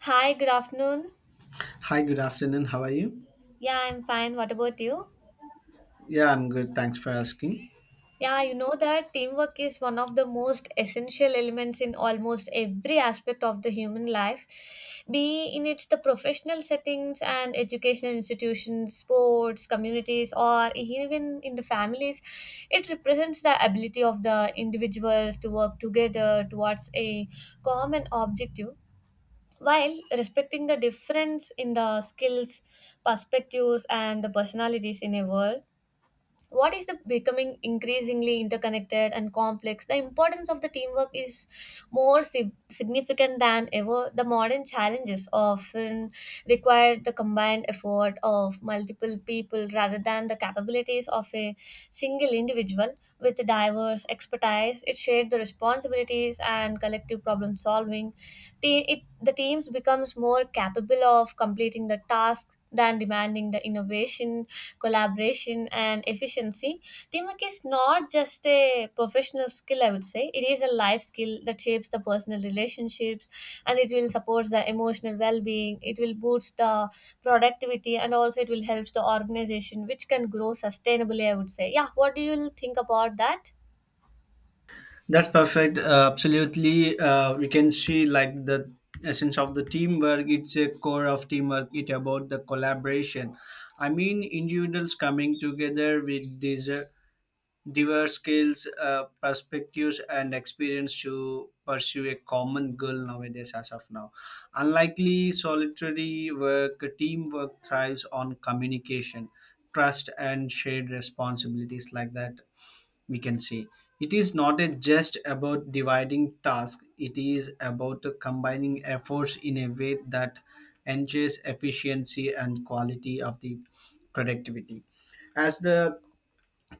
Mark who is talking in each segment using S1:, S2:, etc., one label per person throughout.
S1: Hi, good afternoon.
S2: Hi, good afternoon. How are you?
S1: Yeah, I'm fine. What about you?
S2: Yeah, I'm good. Thanks for asking.
S1: Yeah, you know that teamwork is one of the most essential elements in almost every aspect of the human life, be in its the professional settings and educational institutions, sports, communities, or even in the families. It represents the ability of the individuals to work together towards a common objective while respecting the difference in the skills, perspectives, and the personalities in a world what is the becoming increasingly interconnected and complex. The importance of the teamwork is significant than ever. The modern challenges often require the combined effort of multiple people rather than the capabilities of a single individual with diverse expertise. It shares the responsibilities and collective problem solving. The teams becomes more capable of completing the task than demanding the innovation, collaboration, and efficiency. Teamwork is not just a professional skill, I would say. It is a life skill that shapes the personal relationships and it will support the emotional well being. It will boost the productivity and also it will help the organization, which can grow sustainably, I would say. Yeah, what do you think about that?
S2: That's perfect. Absolutely. We can see like the essence of the teamwork. It's a core of teamwork. It about the collaboration. I mean, individuals coming together with these diverse skills, perspectives, and experience to pursue a common goal nowadays as of now. Unlikely solitary work, teamwork thrives on communication, trust, and shared responsibilities like that we can see. It is not a just about dividing tasks, it is about combining efforts in a way that enhances efficiency and quality of the productivity as the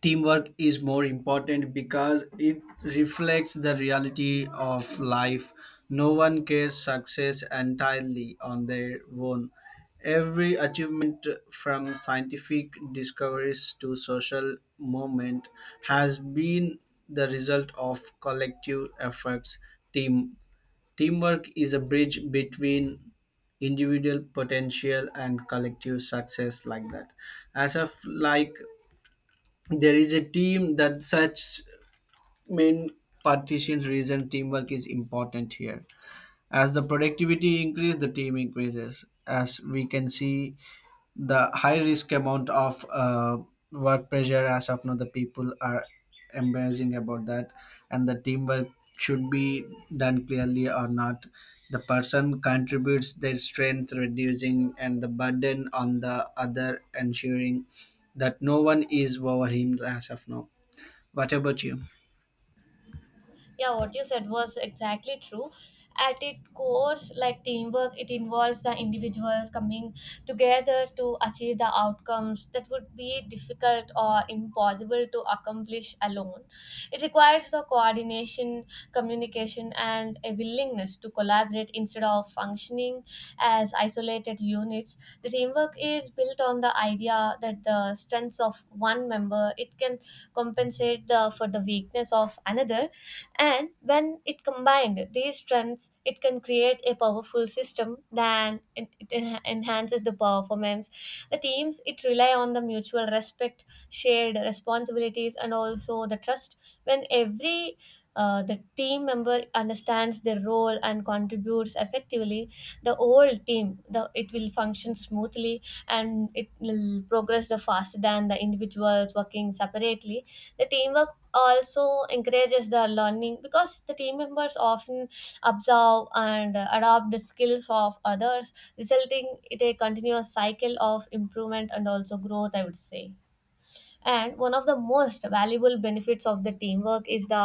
S2: Teamwork is more important because it reflects the reality of life. No one cares success entirely on their own. Every achievement from scientific discoveries to social movement has been the result of collective efforts. Team teamwork is a bridge between individual potential and collective success like that as of like there is a team that such main partitions reason teamwork is important here as the productivity increase the team increases as we can see the high risk amount of work pressure as of now the people are embarrassing about that and the teamwork should be done clearly or not the person contributes their strength reducing and the burden on the other ensuring that no one is over him as of now. What about you?
S1: Yeah, what you said was exactly true. At its core, like teamwork, it involves the individuals coming together to achieve the outcomes that would be difficult or impossible to accomplish alone. It requires the coordination, communication, and a willingness to collaborate instead of functioning as isolated units. The teamwork is built on the idea that the strengths of one member it can compensate the for the weakness of another, and when it combined these strengths, it can create a powerful system that it enhances the performance. The teams it rely on the mutual respect, shared responsibilities, and also the trust. When every the team member understands their role and contributes effectively, the whole team the it will function smoothly and it will progress the faster than the individuals working separately. The teamwork also encourages the learning because the team members often observe and adopt the skills of others, resulting in a continuous cycle of improvement and also growth, I would say. And one of the most valuable benefits of the teamwork is the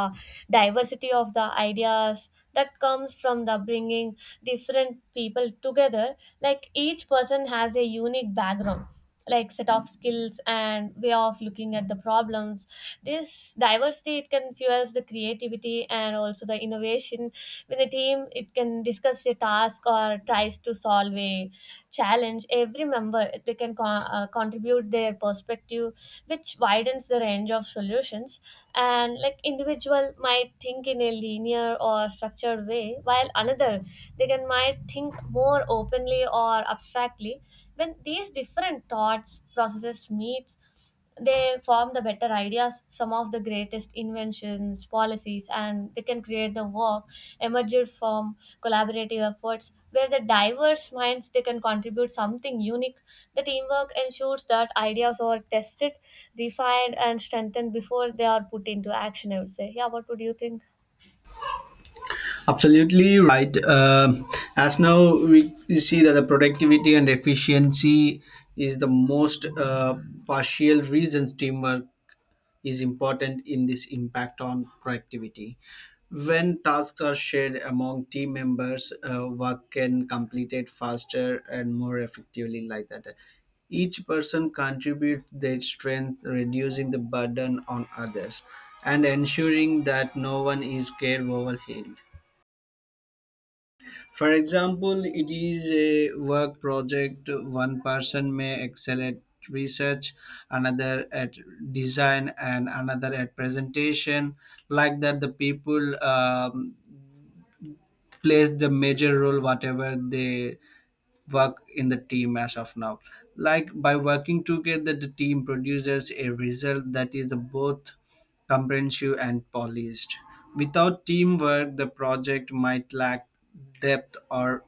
S1: diversity of the ideas that comes from the bringing different people together. Like each person has a unique background, like set of skills and way of looking at the problems. This diversity it can fuels the creativity and also the innovation. With a team, it can discuss a task or tries to solve a challenge. Every member they can contribute their perspective, which widens the range of solutions. And like individual might think in a linear or structured way, while another they can might think more openly or abstractly. When these different thoughts processes meets, they form the better ideas. Some of the greatest inventions, policies, and they can create the work emerged from collaborative efforts where the diverse minds they can contribute something unique. The teamwork ensures that ideas are tested, refined and strengthened before they are put into action, I would say. Yeah, what would you think?
S2: Absolutely right. As now we see that the productivity and efficiency is the most partial reasons teamwork is important in this impact on productivity. When tasks are shared among team members, work can complete it faster and more effectively like that. Each person contributes their strength, reducing the burden on others and ensuring that no one is care overwhelmed. For example, it is a work project. One person may excel at research, another at design, and another at presentation. Like that, the people plays the major role, whatever they work in the team as of now, like by working together the team produces a result that is both comprehensive and polished. Without teamwork the project might lack depth or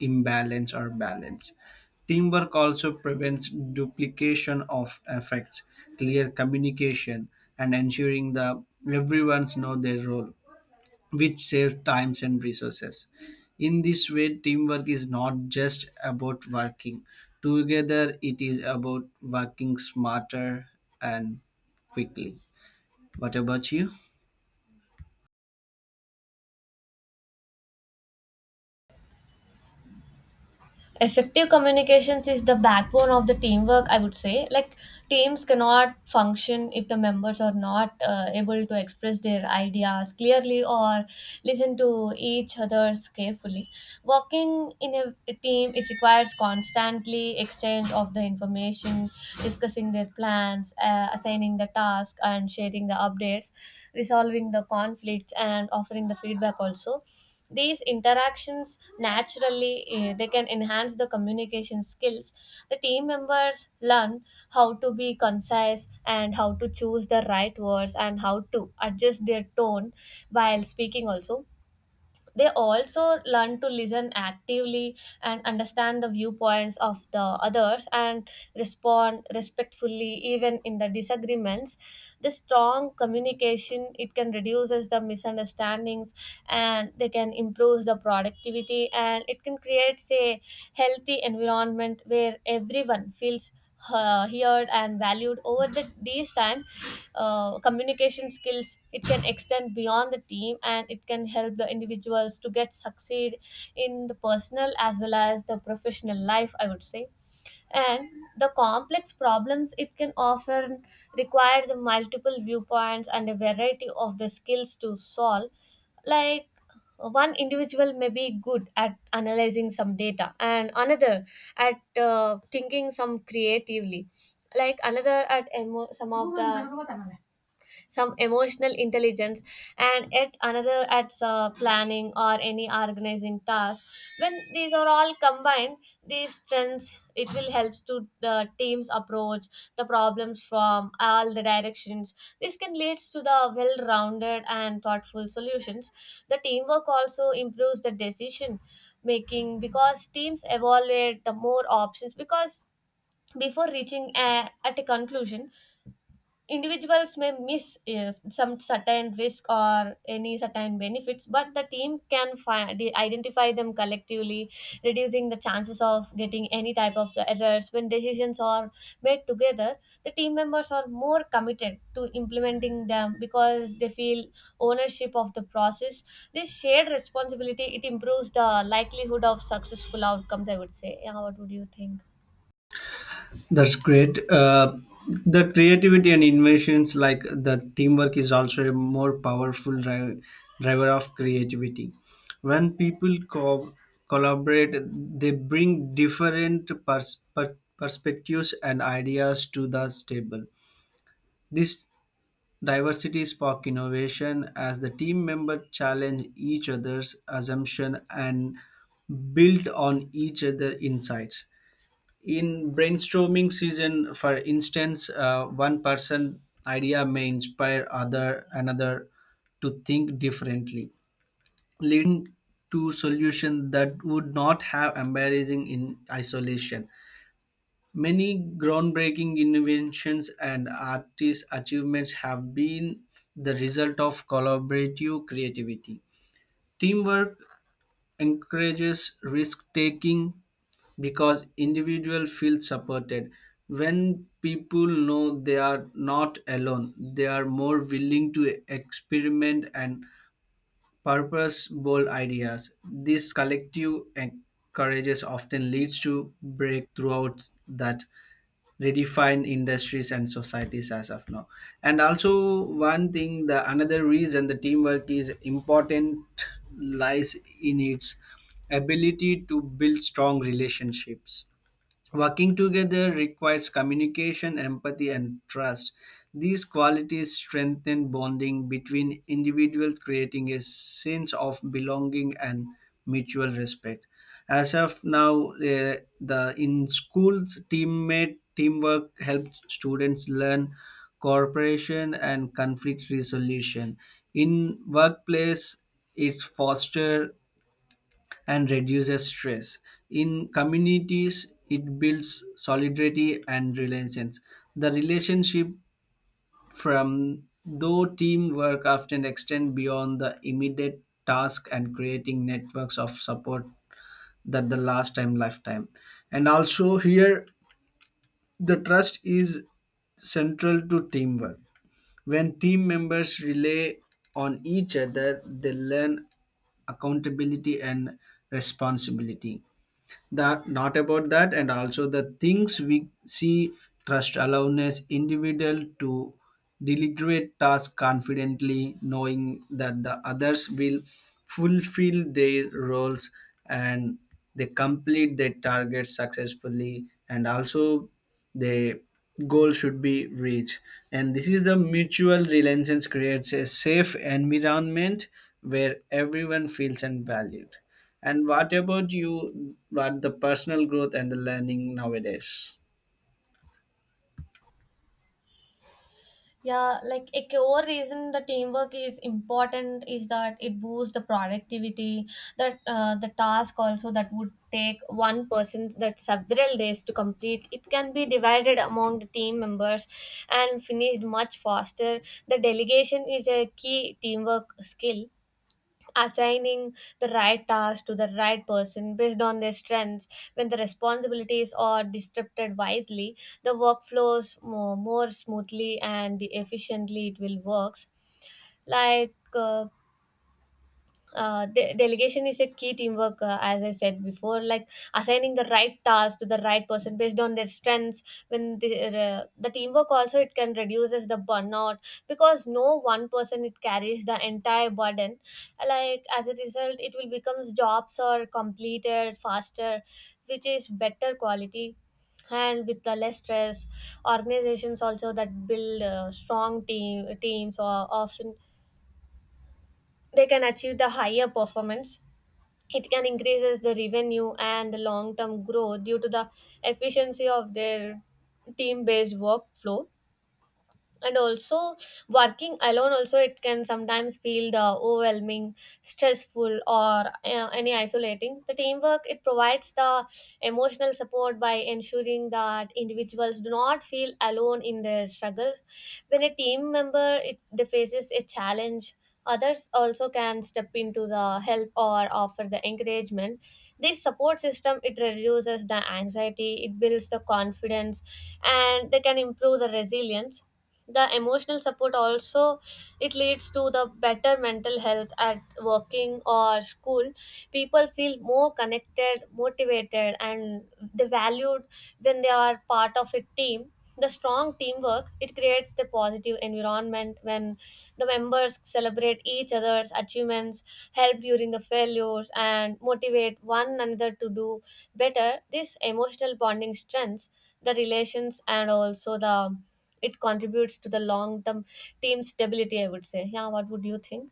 S2: imbalance or balance. Teamwork also prevents duplication of effects, clear communication, and ensuring that everyone's know their role, which saves times and resources. In this way, teamwork is not just about working together, it is about working smarter and quickly. What about you?
S1: Effective communications is the backbone of the teamwork, I would say. Like teams cannot function if the members are not able to express their ideas clearly or listen to each other's carefully. Working in a team it requires constantly exchange of the information, discussing their plans, assigning the task and sharing the updates, resolving the conflicts and offering the feedback also. These interactions naturally they can enhance the communication skills. The team members learn how to be concise and how to choose the right words and how to adjust their tone while speaking also. They also learn to listen actively and understand the viewpoints of the others and respond respectfully even in the disagreements. This strong communication it can reduces the misunderstandings and they can improve the productivity and it can create a healthy environment where everyone feels heard and valued over the day's time. Communication skills it can extend beyond the team and it can help the individuals to get succeed in the personal as well as the professional life, I would say. And the complex problems it can often require the multiple viewpoints and a variety of the skills to solve. Like one individual may be good at analyzing some data, and another at thinking some creatively, like another at some of the some emotional intelligence, and yet another at planning or any organizing task. When these are all combined, these strengths it will help to the teams approach the problems from all the directions. This can lead to the well-rounded and thoughtful solutions. The teamwork also improves the decision making because teams evaluate the more options. Because before reaching at a conclusion, individuals may miss some certain risk or any certain benefits, but the team can find identify them collectively, reducing the chances of getting any type of the errors. When decisions are made together, the team members are more committed to implementing them because they feel ownership of the process. This shared responsibility it improves the likelihood of successful outcomes, I would say. Yeah, what would you think?
S2: That's great. The creativity and innovations, like the teamwork, is also a more powerful driver of creativity. When people collaborate, they bring different perspectives and ideas to the table. This diversity sparked innovation as the team members challenged each other's assumption and built on each other insights. In brainstorming season, for instance, one person idea may inspire other another to think differently, leading to solutions that would not have embarrassing in isolation. Many groundbreaking inventions and artist achievements have been the result of collaborative creativity. Teamwork encourages risk taking because individual feel supported. When people know they are not alone, they are more willing to experiment and purpose bold ideas. This collective encourages often leads to breakthroughs that redefine industries and societies as of now. And also one thing, the another reason the teamwork is important lies in its ability to build strong relationships. Working together requires communication, empathy, and trust. These qualities strengthen bonding between individuals, creating a sense of belonging and mutual respect. As of now, eh, the in schools, teammate teamwork helps students learn cooperation and conflict resolution. In workplace, it's foster and reduces stress. In communities, it builds solidarity and relations. The relationship from though teamwork often extend beyond the immediate task and creating networks of support that the last time lifetime. And also here the trust is central to teamwork. When team members rely on each other, they learn accountability and responsibility that not about that, and also the things we see trust allowness individual to delegate tasks confidently, knowing that the others will fulfill their roles and they complete their targets successfully, and also the goal should be reached, and this is the mutual reliance creates a safe environment where everyone feels and valued. And what about you? What the personal growth and the learning nowadays?
S1: Yeah, like a core reason the teamwork is important is that it boosts the productivity. That the task also that would take one person that several days to complete, it can be divided among the team members and finished much faster. The delegation is a key teamwork skill, assigning the right task to the right person based on their strengths. When the responsibilities are distributed wisely, the work flows more smoothly and efficiently it will works. like uh, Delegation is a key teamwork as I said before, like assigning the right task to the right person based on their strengths. When the teamwork also it can reduces the burnout because no one person it carries the entire burden. Like as a result it will becomes jobs are completed faster, which is better quality, and with the less stress. Organizations also that build strong teams or often they can achieve the higher performance. It can increases the revenue and the long term growth due to the efficiency of their team based workflow. And also, working alone also it can sometimes feel the overwhelming, stressful, or any isolating. The teamwork it provides the emotional support by ensuring that individuals do not feel alone in their struggles. When a team member, they faces a challenge, others also can step into the help or offer the encouragement. This support system it reduces the anxiety, it builds the confidence, and they can improve the resilience. The emotional support also it leads to the better mental health. At working or school, people feel more connected, motivated, and they valued when they are part of a team. The strong teamwork it creates the positive environment when the members celebrate each other's achievements, help during the failures, and motivate one another to do better. This emotional bonding strengthens the relations and also the it contributes to the long term team stability, I would say. Yeah, what would you think?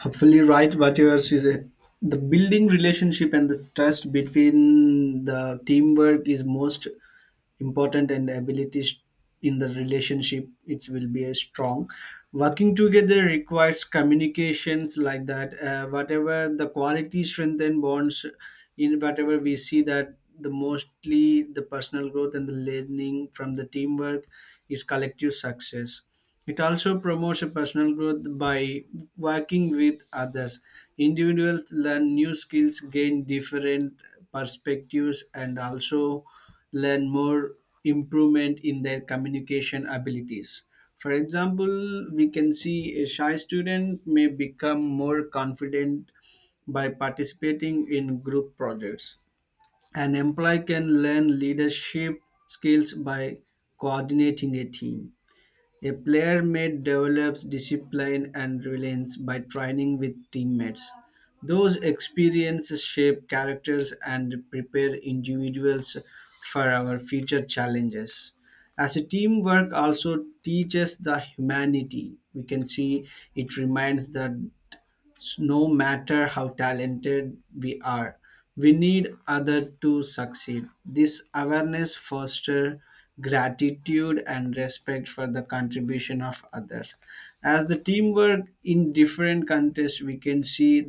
S2: Hopefully right. What yours is a, the building relationship and the trust between the teamwork is most important and abilities in the relationship it will be a strong working together requires communications like that, whatever the quality strengthen bonds in whatever we see, that the mostly the personal growth and the learning from the teamwork is collective success. It also promotes a personal growth by working with others. Individuals learn new skills, gain different perspectives, and also learn more improvement in their communication abilities. For example, we can see a shy student may become more confident by participating in group projects. An employee can learn leadership skills by coordinating a team. A player may develop discipline and reliance by training with teammates. Those experiences shape characters and prepare individuals for our future challenges. As a teamwork also teaches the humanity. We can see it reminds that no matter how talented we are we need other to succeed. This awareness fosters gratitude and respect for the contribution of others. As the teamwork in different contexts we can see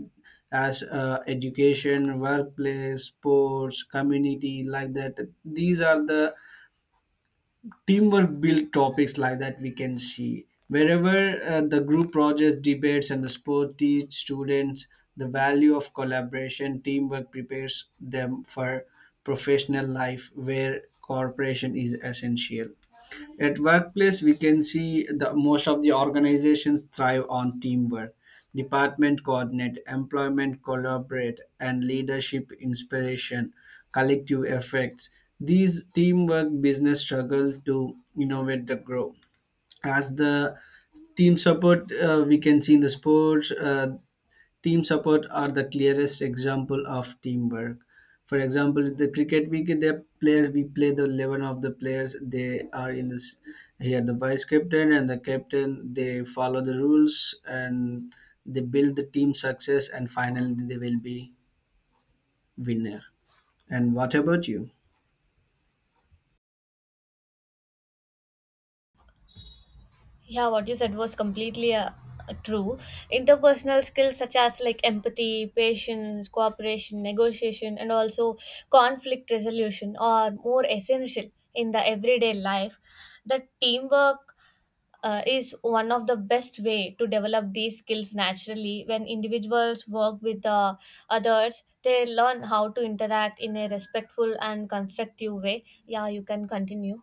S2: as education, workplace, sports, community like that, these are the teamwork build topics like that we can see, wherever the group projects, debates, and the sport teach students the value of collaboration. Teamwork prepares them for professional life where cooperation is essential. At workplace, we can see the most of the organizations thrive on teamwork. Department coordinate, employment collaborate, and leadership inspiration, collective effects. These teamwork business struggle to innovate the grow. As the team support, we can see in the sports. Team support are the clearest example of teamwork. For example, in the cricket we get the player, we play the 11 of the players. They are in this, here the vice captain and the captain. They follow the rules and they build the team success and finally they will be winner. And what about you?
S1: Yeah, what you said was completely true. Interpersonal skills such as like empathy, patience, cooperation, negotiation, and also conflict resolution are more essential in the everyday life. The teamwork is one of the best way to develop these skills naturally. When individuals work with others, they learn how to interact in a respectful and constructive way. Yeah, you can continue.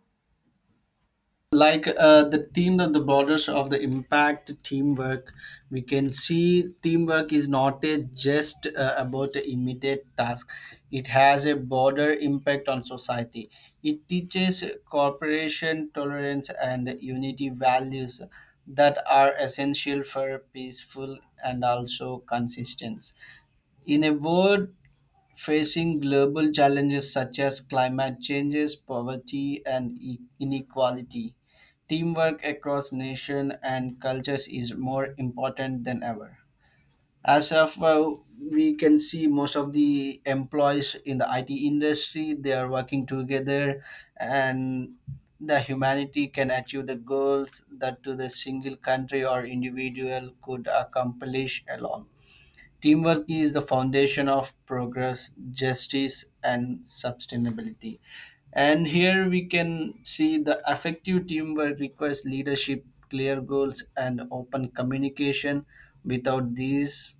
S2: Like the team that the borders of the impact teamwork, we can see teamwork is not a just about a immediate task. It has a broader impact on society. It teaches cooperation, tolerance, and unity values that are essential for peaceful and also consistency. In a word facing global challenges such as climate changes, poverty, and inequality. Teamwork across nation and cultures is more important than ever. As of we can see, most of the employees in the IT industry they are working together, and the humanity can achieve the goals that to the single country or individual could accomplish alone. Teamwork is the foundation of progress, justice, and sustainability. And here we can see the effective teamwork requires leadership, clear goals, and open communication. Without these,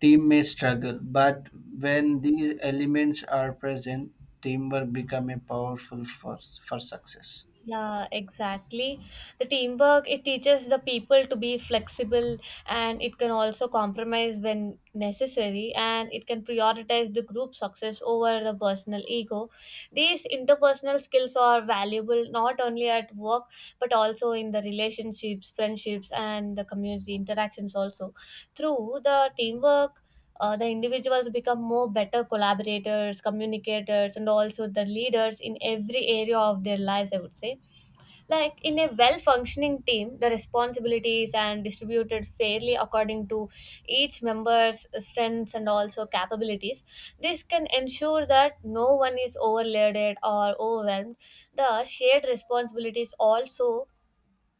S2: team may struggle. But when these elements are present, teamwork become a powerful force for success.
S1: Yeah, exactly. The teamwork, it teaches the people to be flexible and it can also compromise when necessary and it can prioritize the group success over the personal ego. These interpersonal skills are valuable not only at work, but also in the relationships, friendships, and the community interactions also. Through the teamwork, the individuals become more better collaborators, communicators, and also the leaders in every area of their lives, I would say. Like in a well functioning team, the responsibilities and distributed fairly according to each member's strengths and also capabilities. This can ensure that no one is overloaded or overwhelmed. The shared responsibilities also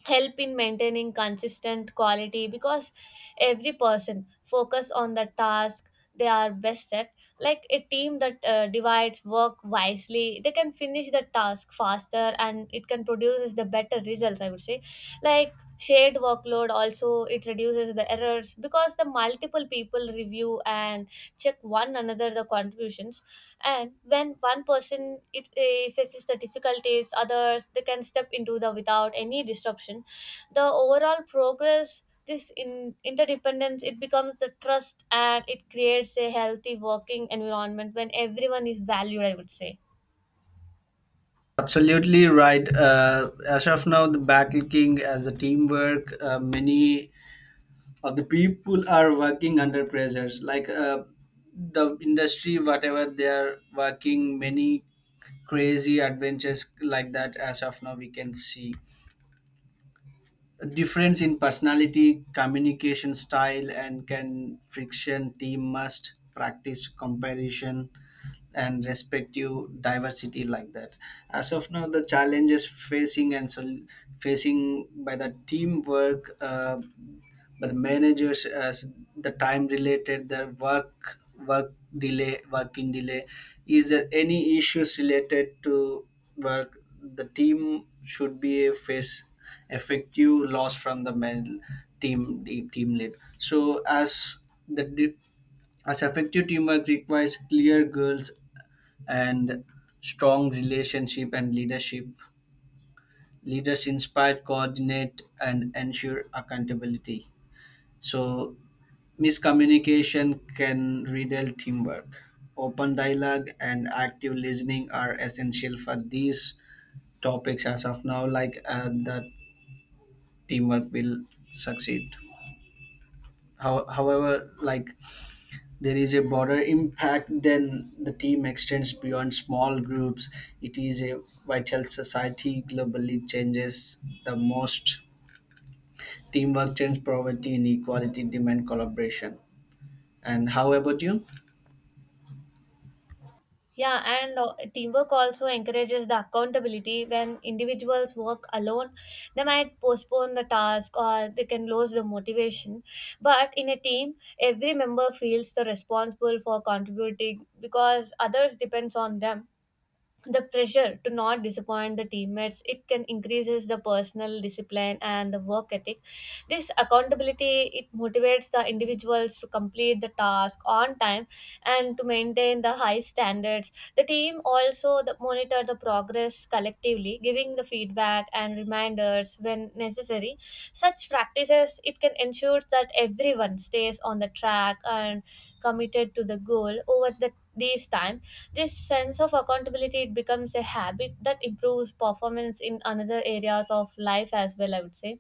S1: help in maintaining consistent quality because every person focus on the task they are best at. Like a team that divides work wisely they can finish the task faster and it can produces the better results, I would say. Like shared workload also it reduces the errors because the multiple people review and check one another the contributions. And when one person it faces the difficulties, others they can step into the without any disruption the overall progress. This in interdependence it becomes the trust and it creates a healthy working environment when everyone is valued, I would say.
S2: Absolutely right. As of now, the Battle King as a teamwork, many the people are working under pressures like the industry whatever they are working, many crazy adventures like that as of now we can see a difference in personality, communication style and can friction team must practice comparison and respective diversity like that. As of now, the challenges facing and facing by the teamwork, but the managers as the time related the work work delay, working delay, is there any issues related to work the team should be a face effective loss from the man team, the team lead, so as the as effective teamwork requires clear goals and strong relationship and leadership. Leaders inspire, coordinate, and ensure accountability. So miscommunication can riddle teamwork. Open dialogue and active listening are essential for these topics as of now, like the teamwork will succeed. How, however, like there is a broader impact, then the team extends beyond small groups. It is a vital society, globally changes the most. Teamwork changes poverty, inequality, demand collaboration. And how about you?
S1: Yeah, and teamwork also encourages the accountability. When individuals work alone, they might postpone the task or they can lose the motivation. But in a team, every member feels the responsible for contributing because others depends on them. The pressure to not disappoint the teammates it can increases the personal discipline and the work ethic. This accountability it motivates the individuals to complete the task on time and to maintain the high standards. The team also the monitor the progress collectively, giving the feedback and reminders when necessary. Such practices it can ensure that everyone stays on the track and committed to the goal over the these time. This sense of accountability it becomes a habit that improves performance in another areas of life as well, I would say.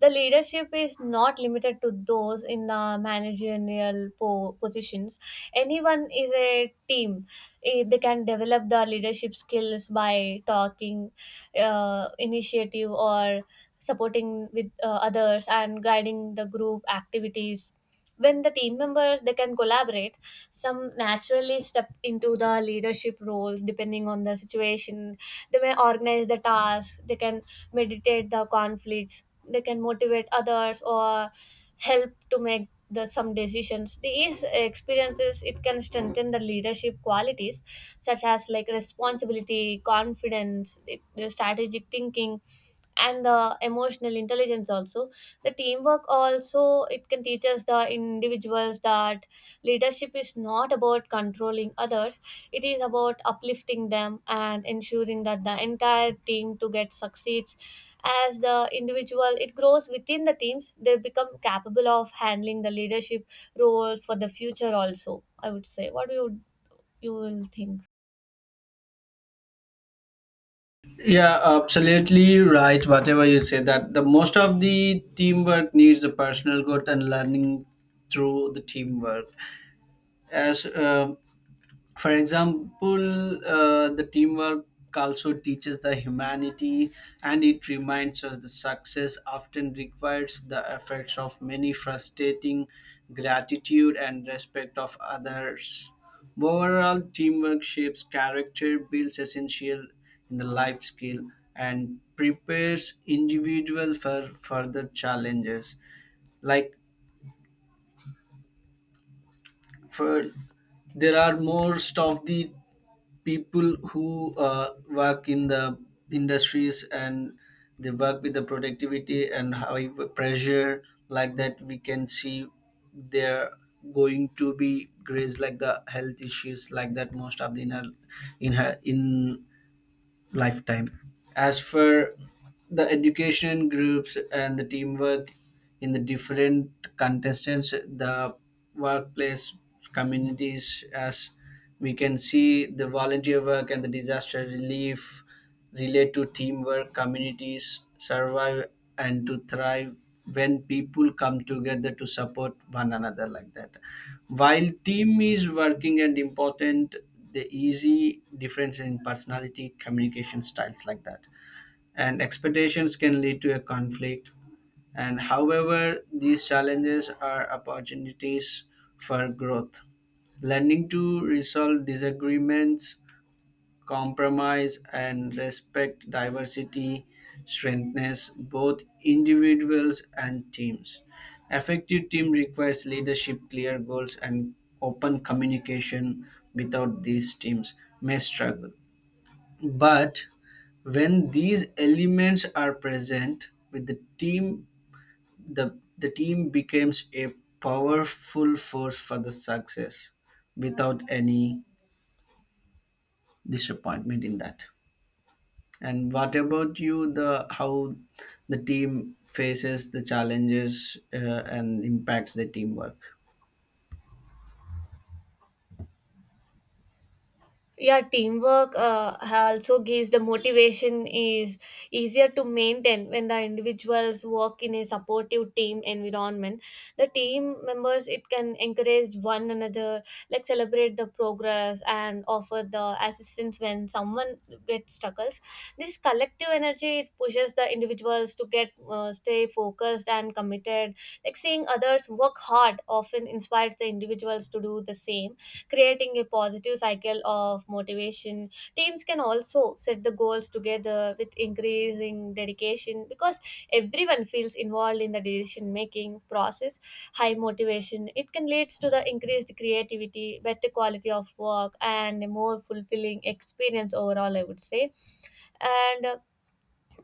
S1: The leadership is not limited to those in the managerial positions. Anyone is a team. They can develop the leadership skills by talking, initiative, or supporting with others and guiding the group activities. When the team members they can collaborate, some naturally step into the leadership roles depending on the situation. They may organize the task. They can meditate the conflicts. They can motivate others or help to make the some decisions. These experiences it can strengthen the leadership qualities such as like responsibility, confidence, the strategic thinking and the emotional intelligence also. The teamwork also it can teach us the individuals that leadership is not about controlling others. It is about uplifting them and ensuring that the entire team to get succeeds. As the individual it grows within the teams, they become capable of handling the leadership role for the future also, I would say. What do you will think?
S2: Yeah, absolutely right. Whatever you say, that the most of the teamwork needs the personal growth and learning through the teamwork. As for example the teamwork also teaches the humanity and it reminds us the success often requires the efforts of many, frustrating gratitude and respect of others. Overall teamwork shapes character, builds essential in the life skill, and prepares individual for further challenges. Like for there are most of the people who work in the industries and they work with the productivity and high pressure like that, we can see they're going to be grace like the health issues like that, most of the in her in lifetime. As for the education groups and the teamwork in the different contestants, the workplace, communities, as we can see, the volunteer work and the disaster relief relate to teamwork, communities survive and to thrive when people come together to support one another like that. While team is working and important, the easy difference in personality, communication styles like that, and expectations can lead to a conflict. And however, these challenges are opportunities for growth. Learning to resolve disagreements, compromise, and respect diversity strengthens both individuals and teams. Effective team requires leadership, clear goals, and open communication. Without these teams, may struggle. But when these elements are present with the team, the team becomes a powerful force for the success without any disappointment in that. And what about you? The how the team faces the challenges and impacts the teamwork.
S1: Yeah, teamwork also gives the motivation is easier to maintain when the individuals work in a supportive team environment. The team members it can encourage one another, like celebrate the progress and offer the assistance when someone gets struggles. This collective energy it pushes the individuals to get stay focused and committed, like seeing others work hard often inspires the individuals to do the same, creating a positive cycle of motivation. Teams can also set the goals together with increasing dedication because everyone feels involved in the decision making process. High motivation it can lead to the increased creativity, better quality of work and a more fulfilling experience overall, I would say. And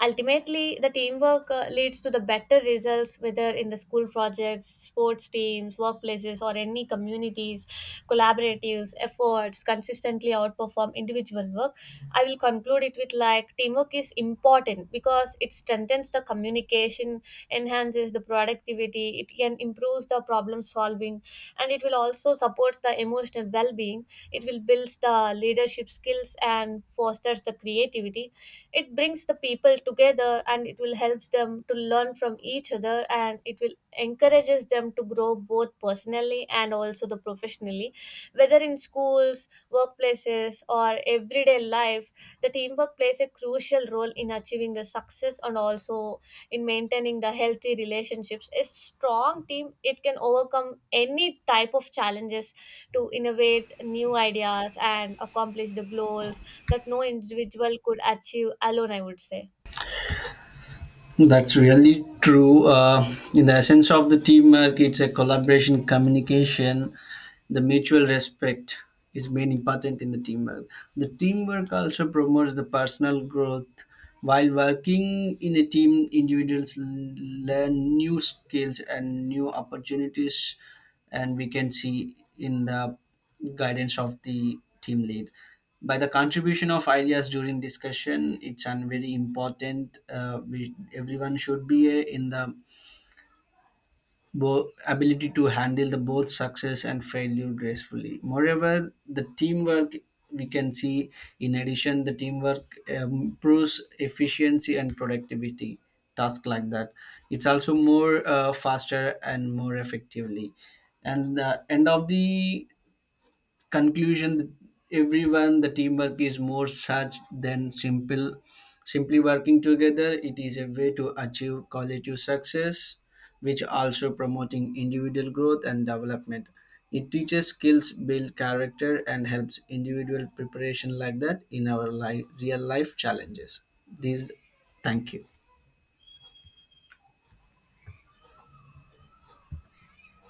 S1: Ultimately, the teamwork leads to the better results, whether in the school projects, sports teams, workplaces, or any communities. Collaboratives, efforts consistently outperform individual work. I will conclude it with like teamwork is important because it strengthens the communication, enhances the productivity, it can improve the problem solving, and it will also support the emotional well being. It will builds the leadership skills and fosters the creativity. It brings the people together and it will helps them to learn from each other, and it will encourages them to grow both personally and also the professionally, whether in schools, workplaces or everyday life. The teamwork plays a crucial role in achieving the success and also in maintaining the healthy relationships. A strong team it can overcome any type of challenges to innovate new ideas and accomplish the goals that no individual could achieve alone, I would say.
S2: That's really true. In the essence of the teamwork, it's a collaboration, communication, the mutual respect is being important in the teamwork. The teamwork also promotes the personal growth. While working in a team individuals learn new skills and new opportunities, and we can see in the guidance of the team lead by the contribution of ideas during discussion it's an very important. We, everyone should be a, in the ability to handle the both success and failure gracefully. Moreover, the teamwork we can see, in addition the teamwork improves efficiency and productivity task like that, it's also more faster and more effectively. And the end of the conclusion, everyone the teamwork is more such than simple simply working together. It is a way to achieve collective success, which also promoting individual growth and development. It teaches skills, build character, and helps individual preparation like that in our life real life challenges. These, thank you.